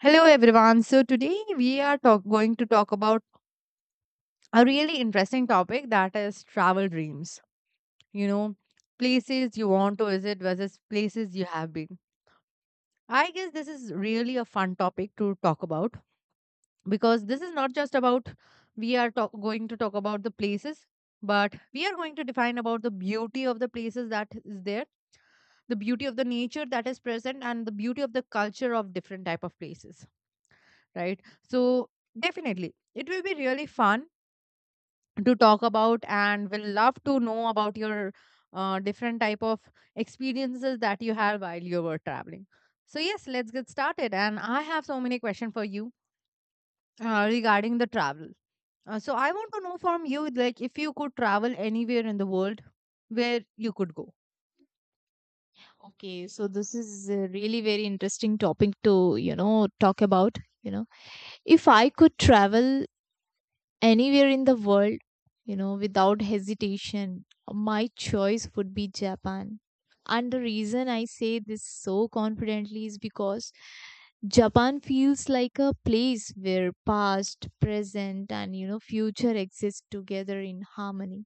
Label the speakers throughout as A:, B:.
A: Hello, everyone. So, today we are going to talk about a really interesting topic that is travel dreams. You know, places you want to visit versus places you have been. I guess this is really a fun topic to talk about because this is not just about we are going to talk about the places, but we are going to define about the beauty of the places that is there, the beauty of the nature that is present, and the beauty of the culture of different type of places, right? So, definitely, it will be really fun to talk about and will love to know about your different type of experiences that you had while you were traveling. So, yes, let's get started. And I have so many questions for you regarding the travel. So, I want to know from you, like, if you could travel anywhere in the world, where you could go.
B: Okay, so this is a really very interesting topic to, talk about, If I could travel anywhere in the world, without hesitation, my choice would be Japan. And the reason I say this so confidently is because Japan feels like a place where past, present, and, future exist together in harmony,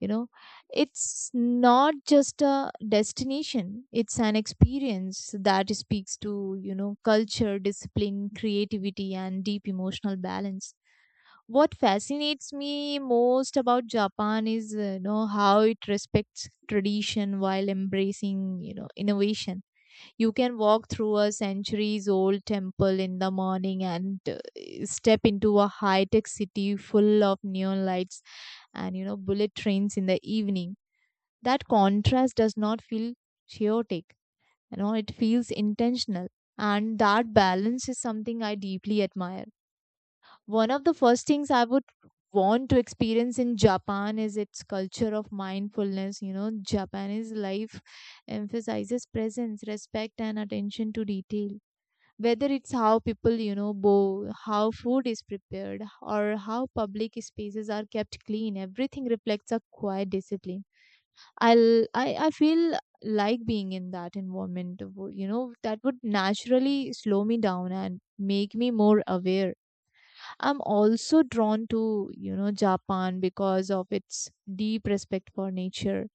B: you know it's not just a destination, it's an experience that speaks to, culture, discipline, creativity, and deep emotional balance. What fascinates me most about Japan is how it respects tradition while embracing, innovation. You can walk through a centuries old temple in the morning and step into a high tech city full of neon lights and, bullet trains in the evening. That contrast does not feel chaotic, it feels intentional. And that balance is something I deeply admire. One of the first things I would want to experience in Japan is its culture of mindfulness. You know, Japanese life emphasizes presence, respect, and attention to detail. Whether it's how people, bow, how food is prepared, or how public spaces are kept clean, everything reflects a quiet discipline. I feel like being in that environment, that would naturally slow me down and make me more aware. I'm also drawn to, Japan because of its deep respect for nature,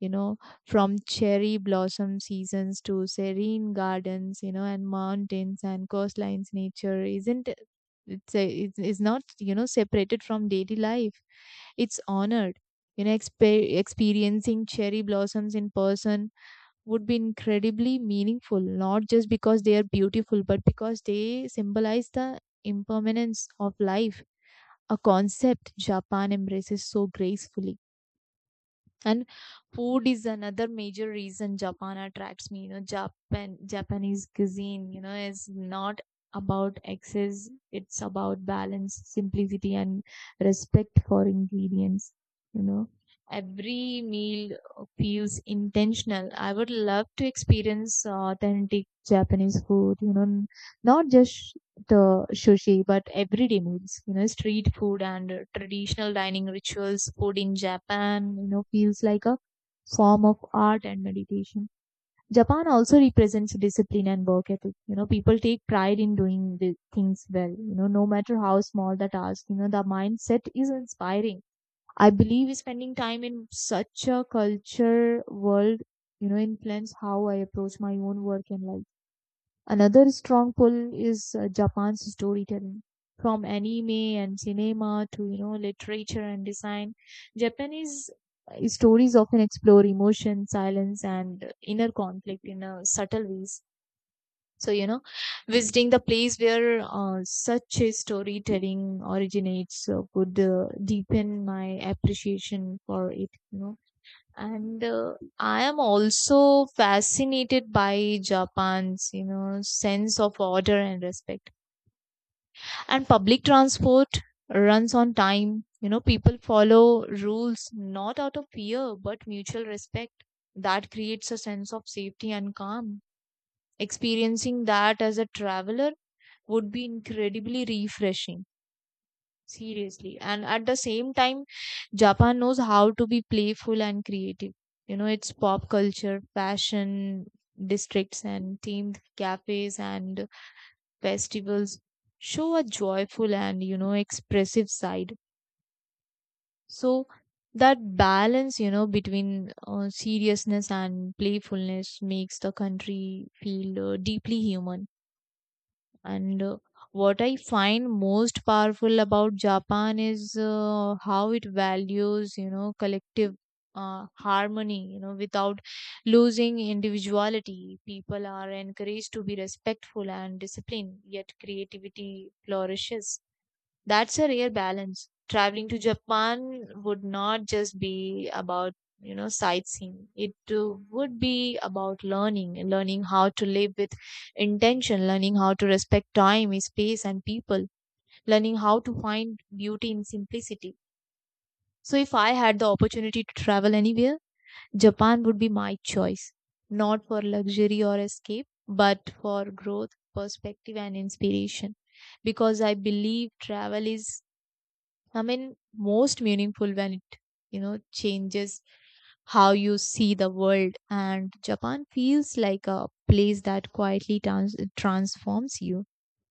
B: you know, from cherry blossom seasons to serene gardens, and mountains and coastlines. Nature isn't it's a, it's, it's not, separated from daily life. It's honored. You know, experiencing cherry blossoms in person would be incredibly meaningful, not just because they are beautiful, but because they symbolize the impermanence of life, a concept Japan embraces so gracefully. And food is another major reason Japan attracts me. You know, Japanese cuisine, is not about excess, it's about balance, simplicity, and respect for ingredients, you know. Every meal feels intentional. I would love to experience authentic Japanese food, not just the sushi, but everyday meals, street food, and traditional dining rituals. Food in Japan, feels like a form of art and meditation. Japan also represents discipline and work ethic. You know, people take pride in doing the things well, no matter how small the task, the mindset is inspiring. I believe spending time in such a culture world, influence how I approach my own work and life. Another strong pull is Japan's storytelling. From anime and cinema to, literature and design, Japanese stories often explore emotion, silence, and inner conflict in subtle ways. So, visiting the place where such a storytelling originates would deepen my appreciation for it. And I am also fascinated by Japan's, sense of order and respect. And public transport runs on time. You know, people follow rules not out of fear, but mutual respect. That creates a sense of safety and calm. Experiencing that as a traveler would be incredibly refreshing. Seriously. And at the same time, Japan knows how to be playful and creative. You know, its pop culture, fashion districts, and themed cafes and festivals show a joyful and, expressive side. So, that balance, between seriousness and playfulness makes the country feel deeply human. And what I find most powerful about Japan is how it values, collective harmony, without losing individuality. People are encouraged to be respectful and disciplined, yet creativity flourishes. That's a rare balance. Traveling to Japan would not just be about, sightseeing. It would be about learning, and learning how to live with intention, learning how to respect time, space, and people, learning how to find beauty in simplicity. So if I had the opportunity to travel anywhere, Japan would be my choice. Not for luxury or escape, but for growth, perspective, and inspiration, because I believe travel is, I mean, most meaningful when it, changes how you see the world. And Japan feels like a place that quietly transforms you.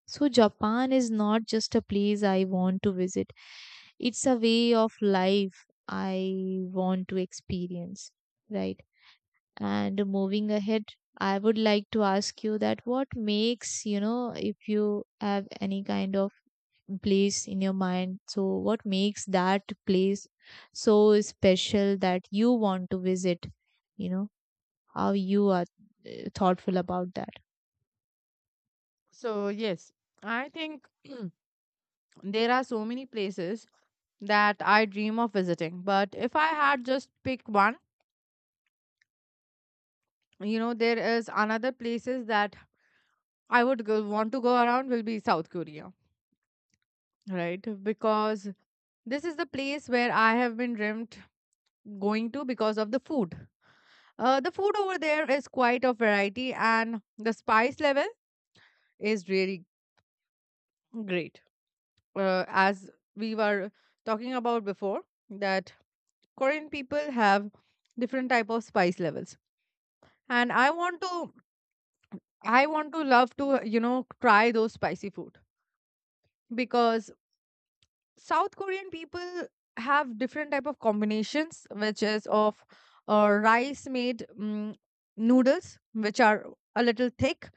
B: So, Japan is not just a place I want to visit, it's a way of life I want to experience, right? And moving ahead, I would like to ask you that what makes, if you have any kind of place in your mind. So, what makes that place so special that you want to visit? You know, how you are thoughtful about that.
A: So, yes, I think there are so many places that I dream of visiting, but if I had just pick one, you know there is another places that I would want to go around will be South Korea, right? Because this is the place where I have been dreamt going to because of the food. The food over there is quite a variety and the spice level is really great. As we were talking about before that Korean people have different type of spice levels, and I want to love to try those spicy food because South Korean people have different type of combinations, which is of rice made noodles, which are a little thick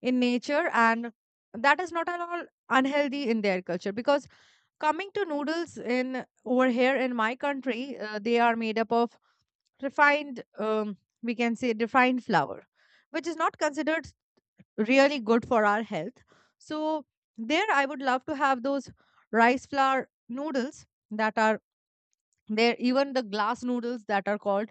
A: in nature, and that is not at all unhealthy in their culture. Because coming to noodles in over here in my country, they are made up of refined, we can say refined flour, which is not considered really good for our health. So there I would love to have those rice flour noodles that are there, even the glass noodles that are called.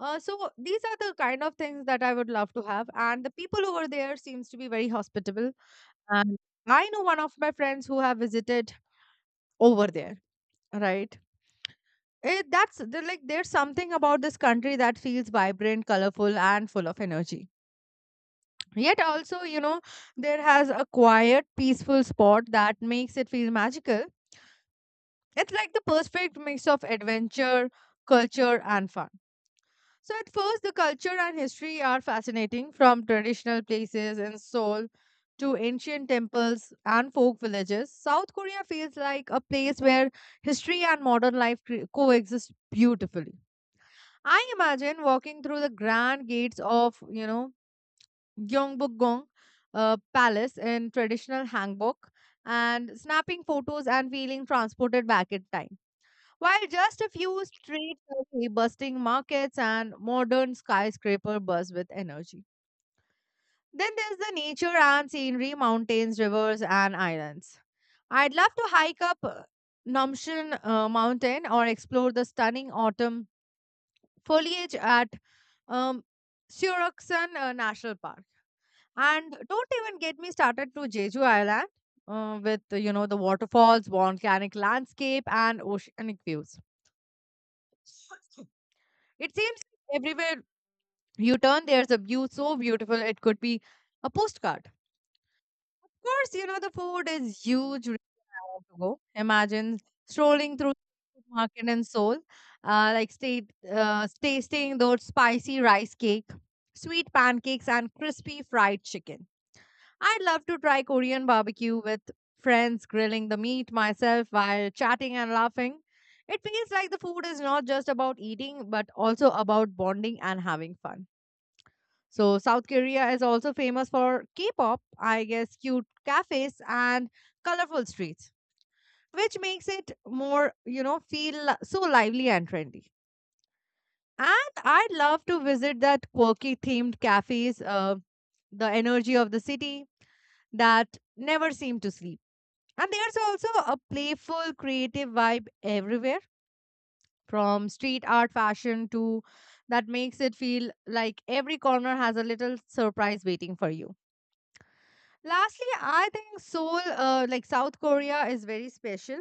A: So these are the kind of things that I would love to have. And the people over there seems to be very hospitable. And I know one of my friends who have visited over there, right? Like there's something about this country that feels vibrant, colorful, and full of energy. Yet, also, you know, there has a quiet, peaceful spot that makes it feel magical. It's like the perfect mix of adventure, culture, and fun. So, at first, the culture and history are fascinating from traditional places in Seoul to ancient temples and folk villages. South Korea feels like a place where history and modern life coexist beautifully. I imagine walking through the grand gates of, you know, Gyeongbokgung Palace in traditional hanbok and snapping photos and feeling transported back in time. While just a few streets are busting markets and modern skyscraper buzz with energy. Then there's the nature and scenery, mountains, rivers, and islands. I'd love to hike up Namshan Mountain or explore the stunning autumn foliage at um, Suruksan National Park. And don't even get me started to Jeju Island with, you know, the waterfalls, volcanic landscape, and oceanic views. It seems everywhere you turn, there's a view so beautiful it could be a postcard. Of course, you know, the food is huge. Reason I want to go. Imagine strolling through the market in Seoul, like state, tasting those spicy rice cake, sweet pancakes, and crispy fried chicken. I'd love to try Korean barbecue with friends grilling the meat myself while chatting and laughing. It feels like the food is not just about eating, but also about bonding and having fun. So, South Korea is also famous for K pop, I guess, cute cafes and colorful streets, which makes it more, you know, so lively and trendy. And I'd love to visit that quirky themed cafes, the energy of the city that never seem to sleep. And there's also a playful, creative vibe everywhere, from street art fashion to that makes it feel like every corner has a little surprise waiting for you. Lastly, I think Seoul, like South Korea, is very special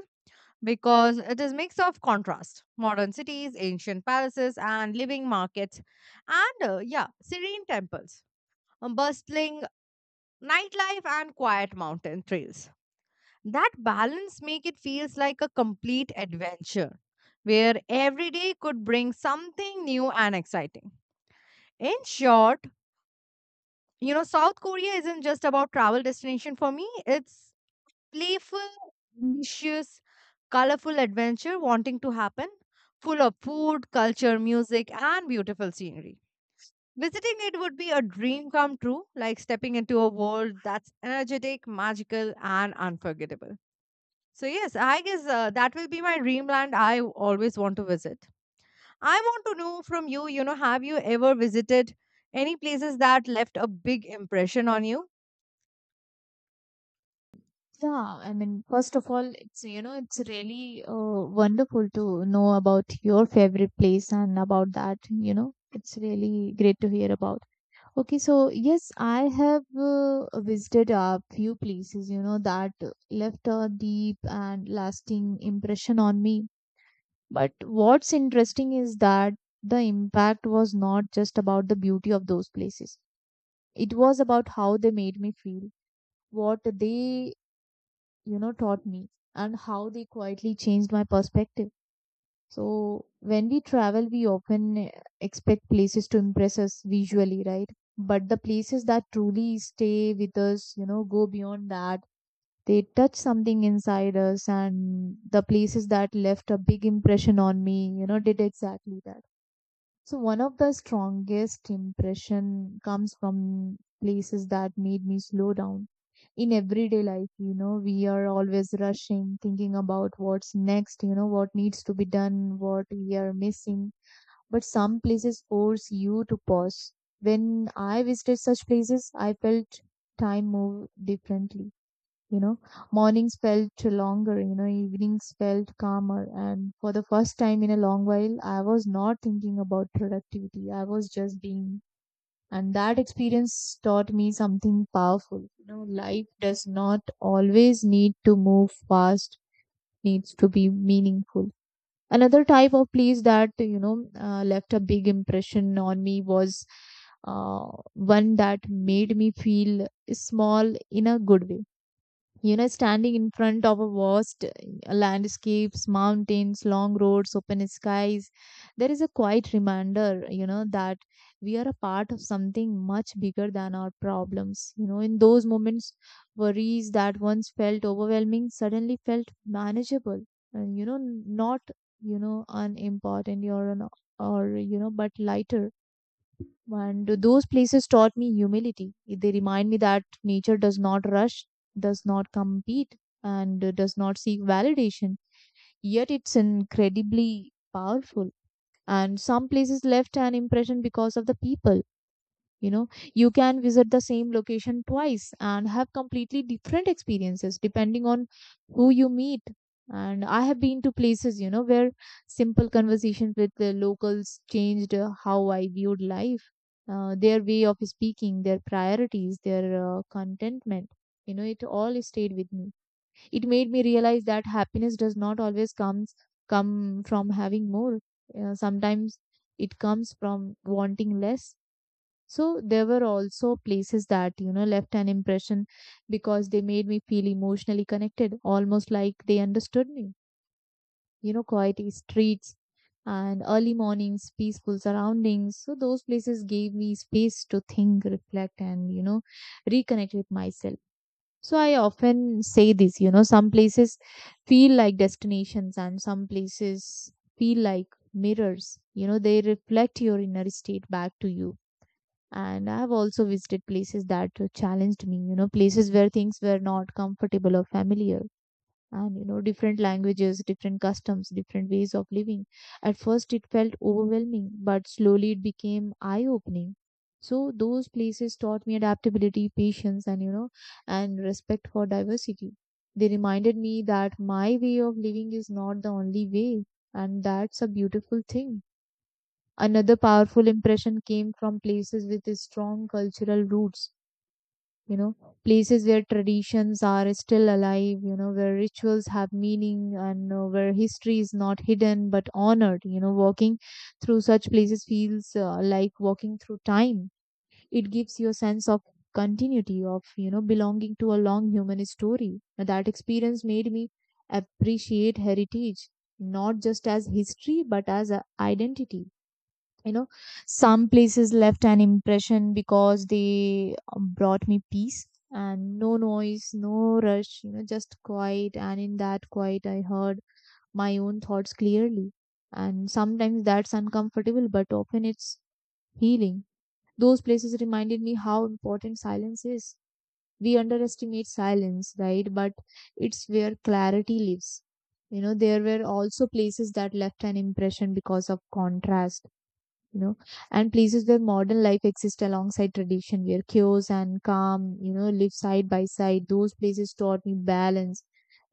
A: because it is mix of contrast: modern cities, ancient palaces, and living markets, and yeah, serene temples, bustling nightlife, and quiet mountain trails. That balance make it feels like a complete adventure where every day could bring something new and exciting. In short, you know, South Korea isn't just about travel destination for me. It's playful, ambitious, colorful adventure wanting to happen, full of food, culture, music and beautiful scenery. Visiting it would be a dream come true, like stepping into a world that's energetic, magical and unforgettable. So yes, I guess that will be my dreamland I always want to visit. I want to know from you, you know, have you ever visited any places that left a big impression on you?
B: Yeah, I mean, first of all, it's, it's really wonderful to know about your favorite place and about that, it's really great to hear about. Okay, so yes, I have visited a few places, that left a deep and lasting impression on me. But what's interesting is that the impact was not just about the beauty of those places. It was about how they made me feel, what they, taught me, and how they quietly changed my perspective. So when we travel, we often expect places to impress us visually, right? But the places that truly stay with us, go beyond that. They touch something inside us, and the places that left a big impression on me, did exactly that. So one of the strongest impression comes from places that made me slow down. In everyday life, we are always rushing, thinking about what's next, what needs to be done, what we are missing. But some places force you to pause. When I visited such places, I felt time move differently, you know mornings felt longer, evenings felt calmer, and for the first time in a long while I was not thinking about productivity, I was just being. And that experience taught me something powerful. You know, life does not always need to move fast, needs to be meaningful. Another type of place that, left a big impression on me was uh, one that made me feel small in a good way. You know, standing in front of a vast landscapes, mountains, long roads, open skies, there is a quiet reminder, that we are a part of something much bigger than our problems. You know, in those moments, worries that once felt overwhelming suddenly felt manageable, and, not, unimportant or or, but lighter. And those places taught me humility. They remind me that nature does not rush, does not compete, and does not seek validation. Yet it's incredibly powerful. And some places left an impression because of the people. You know, you can visit the same location twice and have completely different experiences depending on who you meet. And I have been to places, where simple conversation with the locals changed how I viewed life. Their way of speaking, their priorities, their contentment, it all stayed with me. It made me realize that happiness does not always come from having more. Sometimes it comes from wanting less. So there were also places that, left an impression because they made me feel emotionally connected, almost like they understood me. You know, quiet streets and early mornings, peaceful surroundings. So those places gave me space to think, reflect, and, reconnect with myself. So I often say this, some places feel like destinations and some places feel like mirrors. You know, they reflect your inner state back to you. And I have also visited places that challenged me, places where things were not comfortable or familiar. And, different languages, different customs, different ways of living. At first, it felt overwhelming, but slowly it became eye opening. So, those places taught me adaptability, patience, and, respect for diversity. They reminded me that my way of living is not the only way, and that's a beautiful thing. Another powerful impression came from places with strong cultural roots, you know, places where traditions are still alive, where rituals have meaning and where history is not hidden but honored. You know, walking through such places feels like walking through time. It gives you a sense of continuity, of, belonging to a long human story. Now, that experience made me appreciate heritage not just as history but as a identity, you know. Some places left an impression because they brought me peace, and no noise, no rush, you know, just quiet. And in that quiet I heard my own thoughts clearly, and sometimes that's uncomfortable but often it's healing. Those places reminded me how important silence is. We underestimate silence, right, but it's where clarity lives. You know, there were also places that left an impression because of contrast, you know, and places where modern life exists alongside tradition, where chaos and calm, you know, live side by side. Those places taught me balance,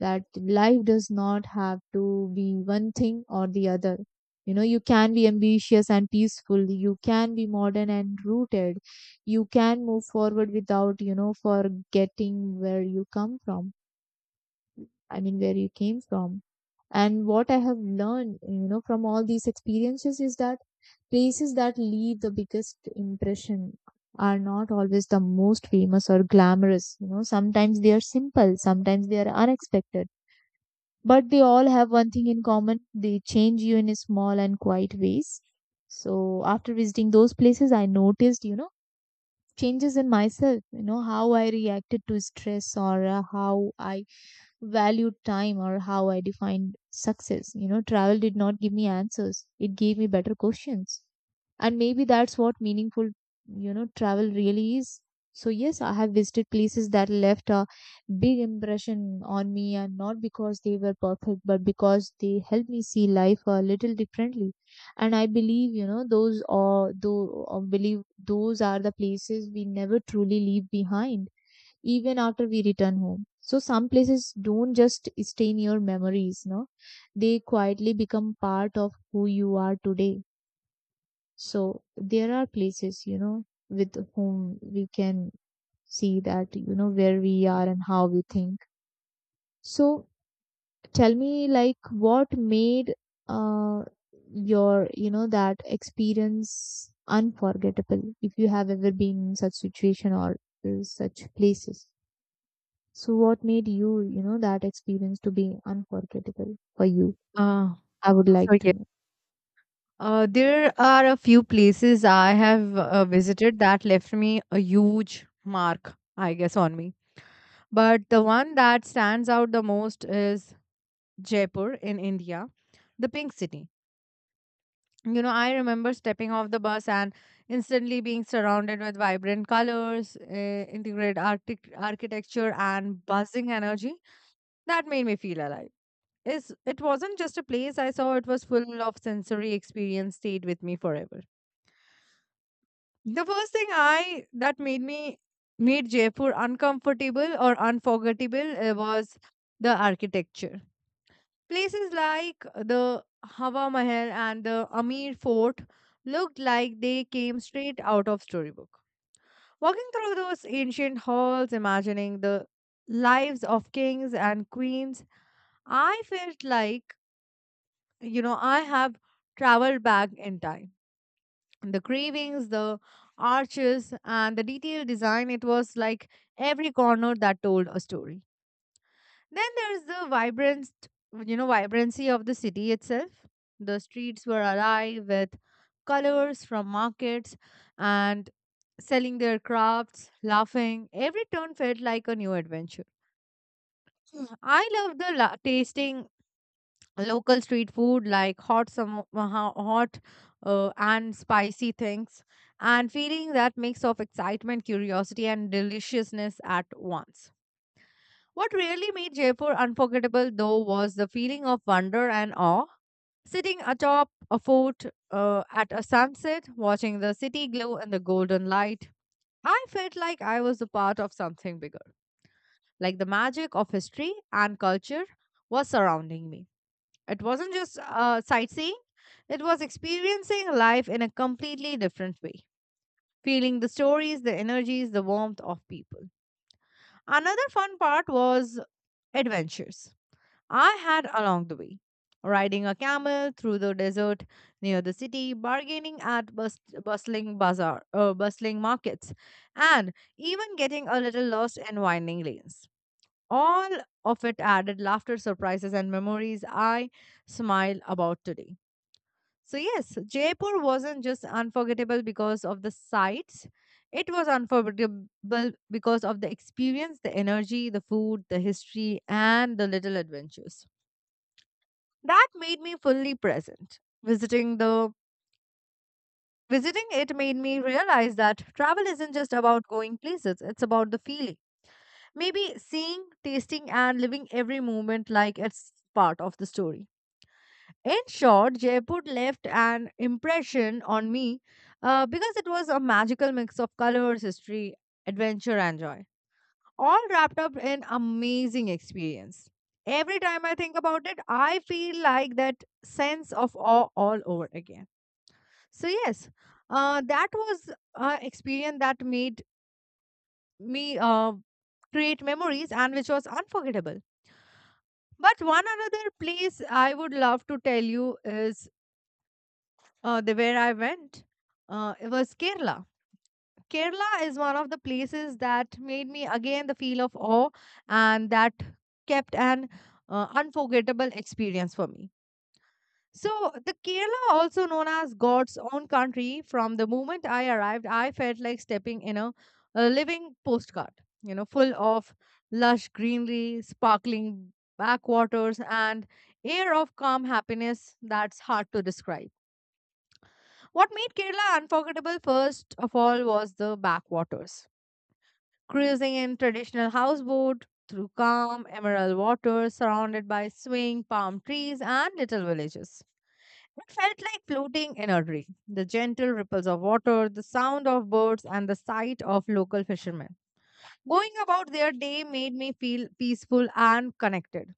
B: that life does not have to be one thing or the other. You know, you can be ambitious and peaceful. You can be modern and rooted. You can move forward without, you know, forgetting where you come from. I mean, where you came from. And what I have learned, you know, from all these experiences is that places that leave the biggest impression are not always the most famous or glamorous. You know, sometimes they are simple, sometimes they are unexpected. But they all have one thing in common: they change you in small and quiet ways. So, after visiting those places, I noticed, you know, changes in myself, you know, how I reacted to stress or how I valued time or how I defined success. You know, travel did not give me answers, it gave me better questions. And maybe that's what meaningful, you know, travel really is. So, yes, I have visited places that left a big impression on me, and not because they were perfect, but because they helped me see life a little differently. And I believe, you know, those or though, or believe those are the places we never truly leave behind, even after we return home. So some places don't just stay in your memories, no? They quietly become part of who you are today. So there are places, you know, with whom we can see that, you know, where we are and how we think. So tell me, like, what made uh, your, you know, that experience unforgettable, if you have ever been in such situation or such places? So, what made you, you know, that experience to be unforgettable for you?
A: Uh,
B: I would
A: so
B: like to
A: yeah,
B: know.
A: there are a few places I have visited that left me a huge mark, I guess, on me. But the one that stands out the most is Jaipur in India, the Pink City. You know, I remember stepping off the bus and instantly being surrounded with vibrant colors, architecture, and buzzing energy that made me feel alive. It wasn't just a place I saw, it was full of sensory experience, stayed with me forever. The first thing I that made me Made Jaipur uncomfortable or unforgettable, was the architecture. Places like the Hawa Mahal and the Amir Fort looked like they came straight out of storybook. Walking through those ancient halls, imagining the lives of kings and queens, I felt like, you know, I have traveled back in time. The carvings, the arches, and the detailed design, it was like every corner that told a story. Then there's the vibrant, you know, vibrancy of the city itself. The streets were alive with colors from markets and selling their crafts, laughing. Every turn felt like a new adventure. Hmm. I love the tasting local street food like hot and spicy things and feeling that mix of excitement, curiosity and deliciousness at once. What really made Jaipur unforgettable, though, was the feeling of wonder and awe. Sitting atop a fort at a sunset, watching the city glow in the golden light, I felt like I was a part of something bigger. Like the magic of history and culture was surrounding me. It wasn't just sightseeing, it was experiencing life in a completely different way, feeling the stories, the energies, the warmth of people. Another fun part was adventures I had along the way. Riding a camel through the desert near the city, bargaining at bustling bazaar, bustling markets, and even getting a little lost in winding lanes. All of it added laughter, surprises, and memories I smile about today. So, yes, Jaipur wasn't just unforgettable because of the sights, it was unforgettable because of the experience, the energy, the food, the history, and the little adventures. That made me fully present. Visiting it made me realize that travel isn't just about going places, it's about the feeling. Maybe seeing, tasting and living every moment like it's part of the story. In short, Jaipur left an impression on me because it was a magical mix of colors, history, adventure, and joy, all wrapped up in amazing experience. Every time I think about it, I feel like that sense of awe all over again. So yes, that was an experience that made me create memories and which was unforgettable. But one another place I would love to tell you is the where I went. It was Kerala. Kerala is one of the places that made me again the feel of awe and that kept an unforgettable experience for me. So, the Kerala, also known as God's own country, from the moment I arrived, I felt like stepping in a living postcard, you know, full of lush greenery, sparkling backwaters, and air of calm happiness that's hard to describe. What made Kerala unforgettable, first of all, was the backwaters. Cruising in traditional houseboat through calm emerald waters surrounded by swaying palm trees and little villages. It felt like floating in a dream. The gentle ripples of water, the sound of birds, and the sight of local fishermen. Going about their day made me feel peaceful and connected.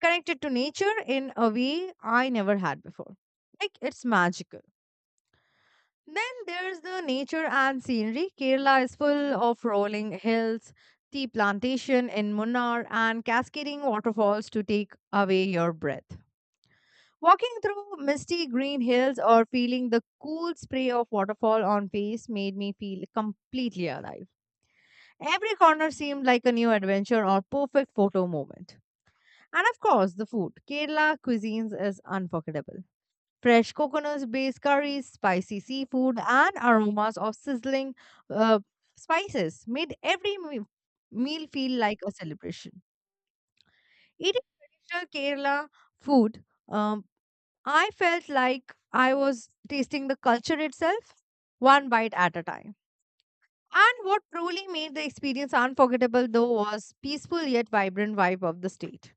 A: Connected to nature in a way I never had before. Like it's magical. Then there's the nature and scenery. Kerala is full of rolling hills, tea plantation in Munnar, and cascading waterfalls to take away your breath. Walking through misty green hills or feeling the cool spray of waterfall on face made me feel completely alive. Every corner seemed like a new adventure or perfect photo moment. And of course, the food. Kerala cuisines is unforgettable. Fresh coconuts-based curries, spicy seafood, and aromas of sizzling uh, spices made every meal feel like a celebration. Eating traditional Kerala food, um, I felt like I was tasting the culture itself, one bite at a time. And what truly made the experience unforgettable though was peaceful yet vibrant vibe of the state.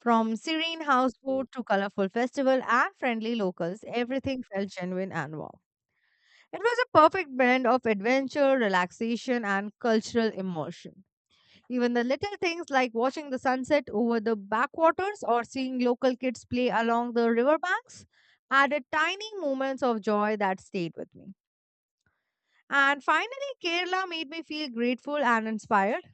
A: From serene houseboat to colorful festival and friendly locals, everything felt genuine and warm. It was a perfect blend of adventure, relaxation, and cultural immersion. Even the little things like watching the sunset over the backwaters or seeing local kids play along the riverbanks added tiny moments of joy that stayed with me. And finally, Kerala made me feel grateful and inspired.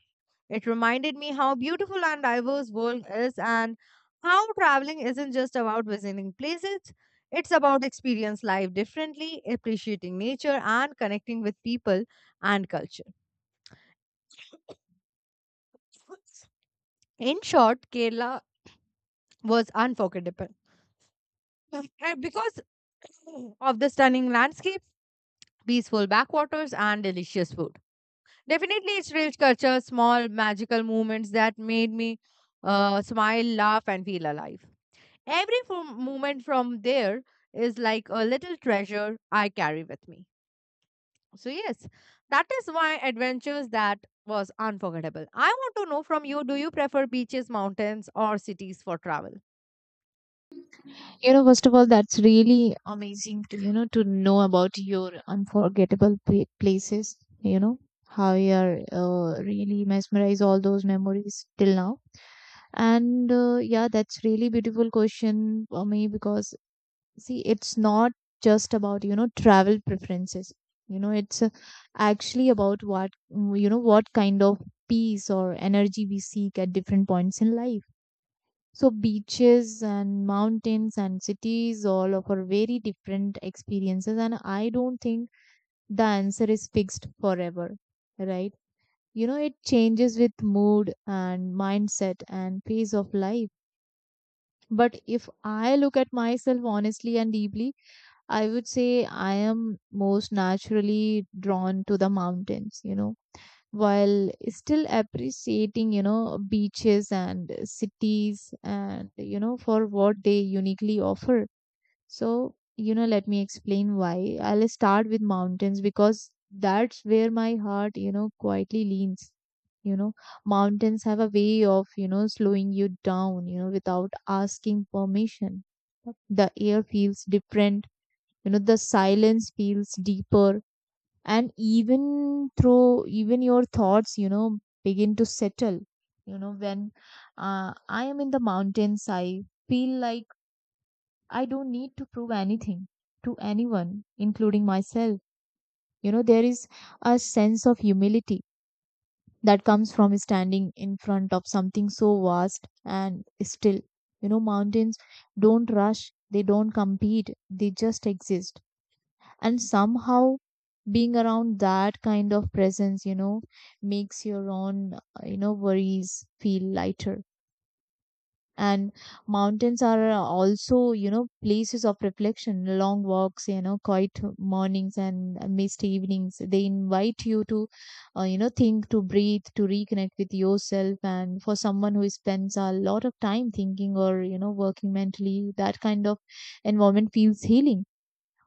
A: It reminded me how beautiful and diverse world is and how traveling isn't just about visiting places. It's about experience life differently, appreciating nature and connecting with people and culture. In short, Kerala was unforgettable. And because of the stunning landscapes, peaceful backwaters, and delicious food. Definitely, its rich culture, small magical moments that made me smile, laugh, and feel alive. Every moment from there is like a little treasure I carry with me. So, yes, that is why adventures that was unforgettable. I want to know from you, do you prefer beaches, mountains, or cities for travel?
B: You know, first of all, that's really amazing to, you know, to know about your unforgettable places, you know, how you are really mesmerize all those memories till now. And yeah, that's really beautiful question for me, because see, it's not just about, you know, travel preferences, you know, it's actually about what, you know, what kind of peace or energy we seek at different points in life. So beaches and mountains and cities all offer very different experiences, and I don't think the answer is fixed forever, right? You know, it changes with mood and mindset and phase of life. But if I look at myself honestly and deeply, I would say I am most naturally drawn to the mountains, you know, while still appreciating, you know, beaches and cities and, you know, for what they uniquely offer. So, you know, let me explain why. I'll start with mountains because that's where my heart, you know, quietly leans. You know, mountains have a way of, you know, slowing you down, you know, without asking permission. The air feels different, you know, the silence feels deeper, and even your thoughts, you know, begin to settle. You know, when uh, I am in the mountains, I feel like I don't need to prove anything to anyone, including myself. You know, there is a sense of humility that comes from standing in front of something so vast and still. You know, mountains don't rush, they don't compete, they just exist, and somehow being around that kind of presence, you know, makes your own you know, worries feel lighter. And mountains are also, you know, places of reflection. Long walks, you know, quiet mornings and misty evenings, they invite you to you know, think, to breathe, to reconnect with yourself. And for someone who spends a lot of time thinking or, you know, working mentally, that kind of environment feels healing.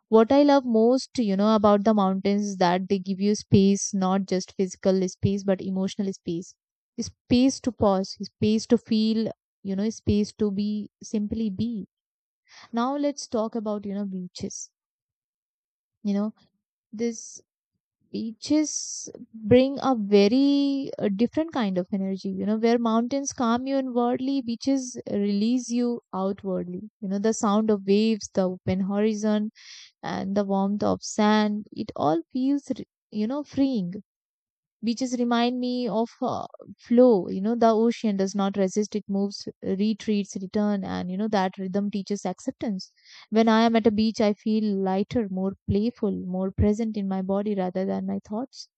B: What I love most, you know, about the mountains is that they give you space, not just physical space, but emotional space. Space to pause, space to feel, you know, space to be, simply be. Now let's talk about, you know, beaches. You know, this, beaches bring a very different kind of energy. You know, where mountains calm you inwardly, beaches release you outwardly. You know, the sound of waves, the open horizon, and the warmth of sand, it all feels, you know, freeing. Beaches remind me of flow. You know, the ocean does not resist, it moves, retreats, return, and, you know, that rhythm teaches acceptance. When I am at a beach, I feel lighter, more playful, more present in my body rather than my thoughts.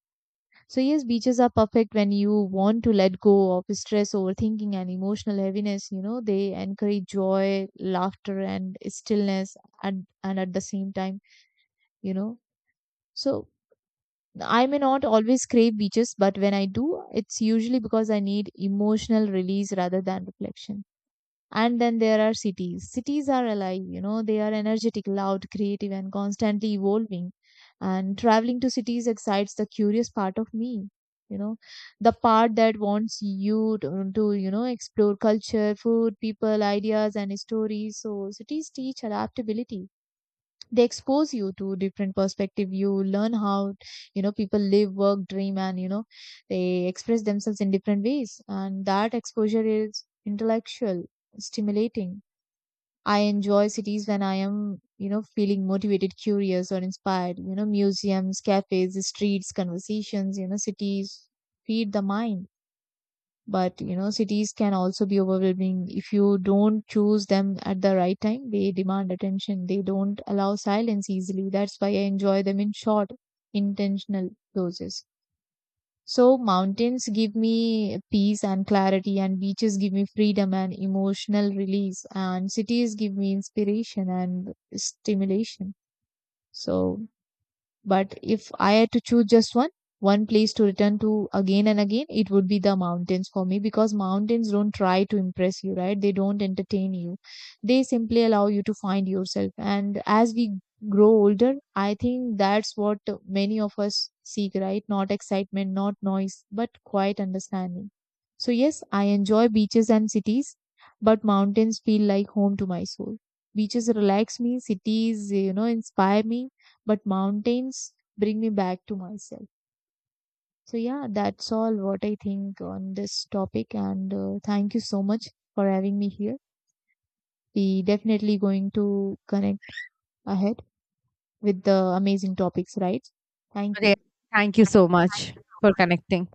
B: So, yes, beaches are perfect when you want to let go of stress, overthinking, and emotional heaviness. You know, they encourage joy, laughter, and stillness. And at the same time, you know, so I may not always crave beaches, but when I do, it's usually because I need emotional release rather than reflection. And then there are cities. Cities are alive, you know, they are energetic, loud, creative, and constantly evolving. And traveling to cities excites the curious part of me, you know, the part that wants you to, you know, explore culture, food, people, ideas, and stories. So cities teach adaptability, they expose you to different perspective. You learn how, you know, people live, work, dream, and, you know, they express themselves in different ways, and that exposure is intellectual, stimulating. I enjoy cities when I am, you know, feeling motivated, curious, or inspired. You know, museums, cafes, streets, conversations, you know, cities feed the mind. But, you know, cities can also be overwhelming if you don't choose them at the right time. They demand attention, they don't allow silence easily. That's why I enjoy them in short, intentional doses. So mountains give me peace and clarity, and beaches give me freedom and emotional release, and cities give me inspiration and stimulation. So, but if I had to choose just one, one place to return to again and again, it would be the mountains for me, because mountains don't try to impress you, right? They don't entertain you. They simply allow you to find yourself. And as we grow older, I think that's what many of us seek, right? Not excitement, not noise, but quiet understanding. So yes, I enjoy beaches and cities, but mountains feel like home to my soul. Beaches relax me, cities, you know, inspire me, but mountains bring me back to myself. So, yeah, that's all what I think on this topic. And thank you so much for having me here. We definitely going to connect ahead with the amazing topics, right? Thank
A: Re-
B: you.
A: Thank you so much for connecting.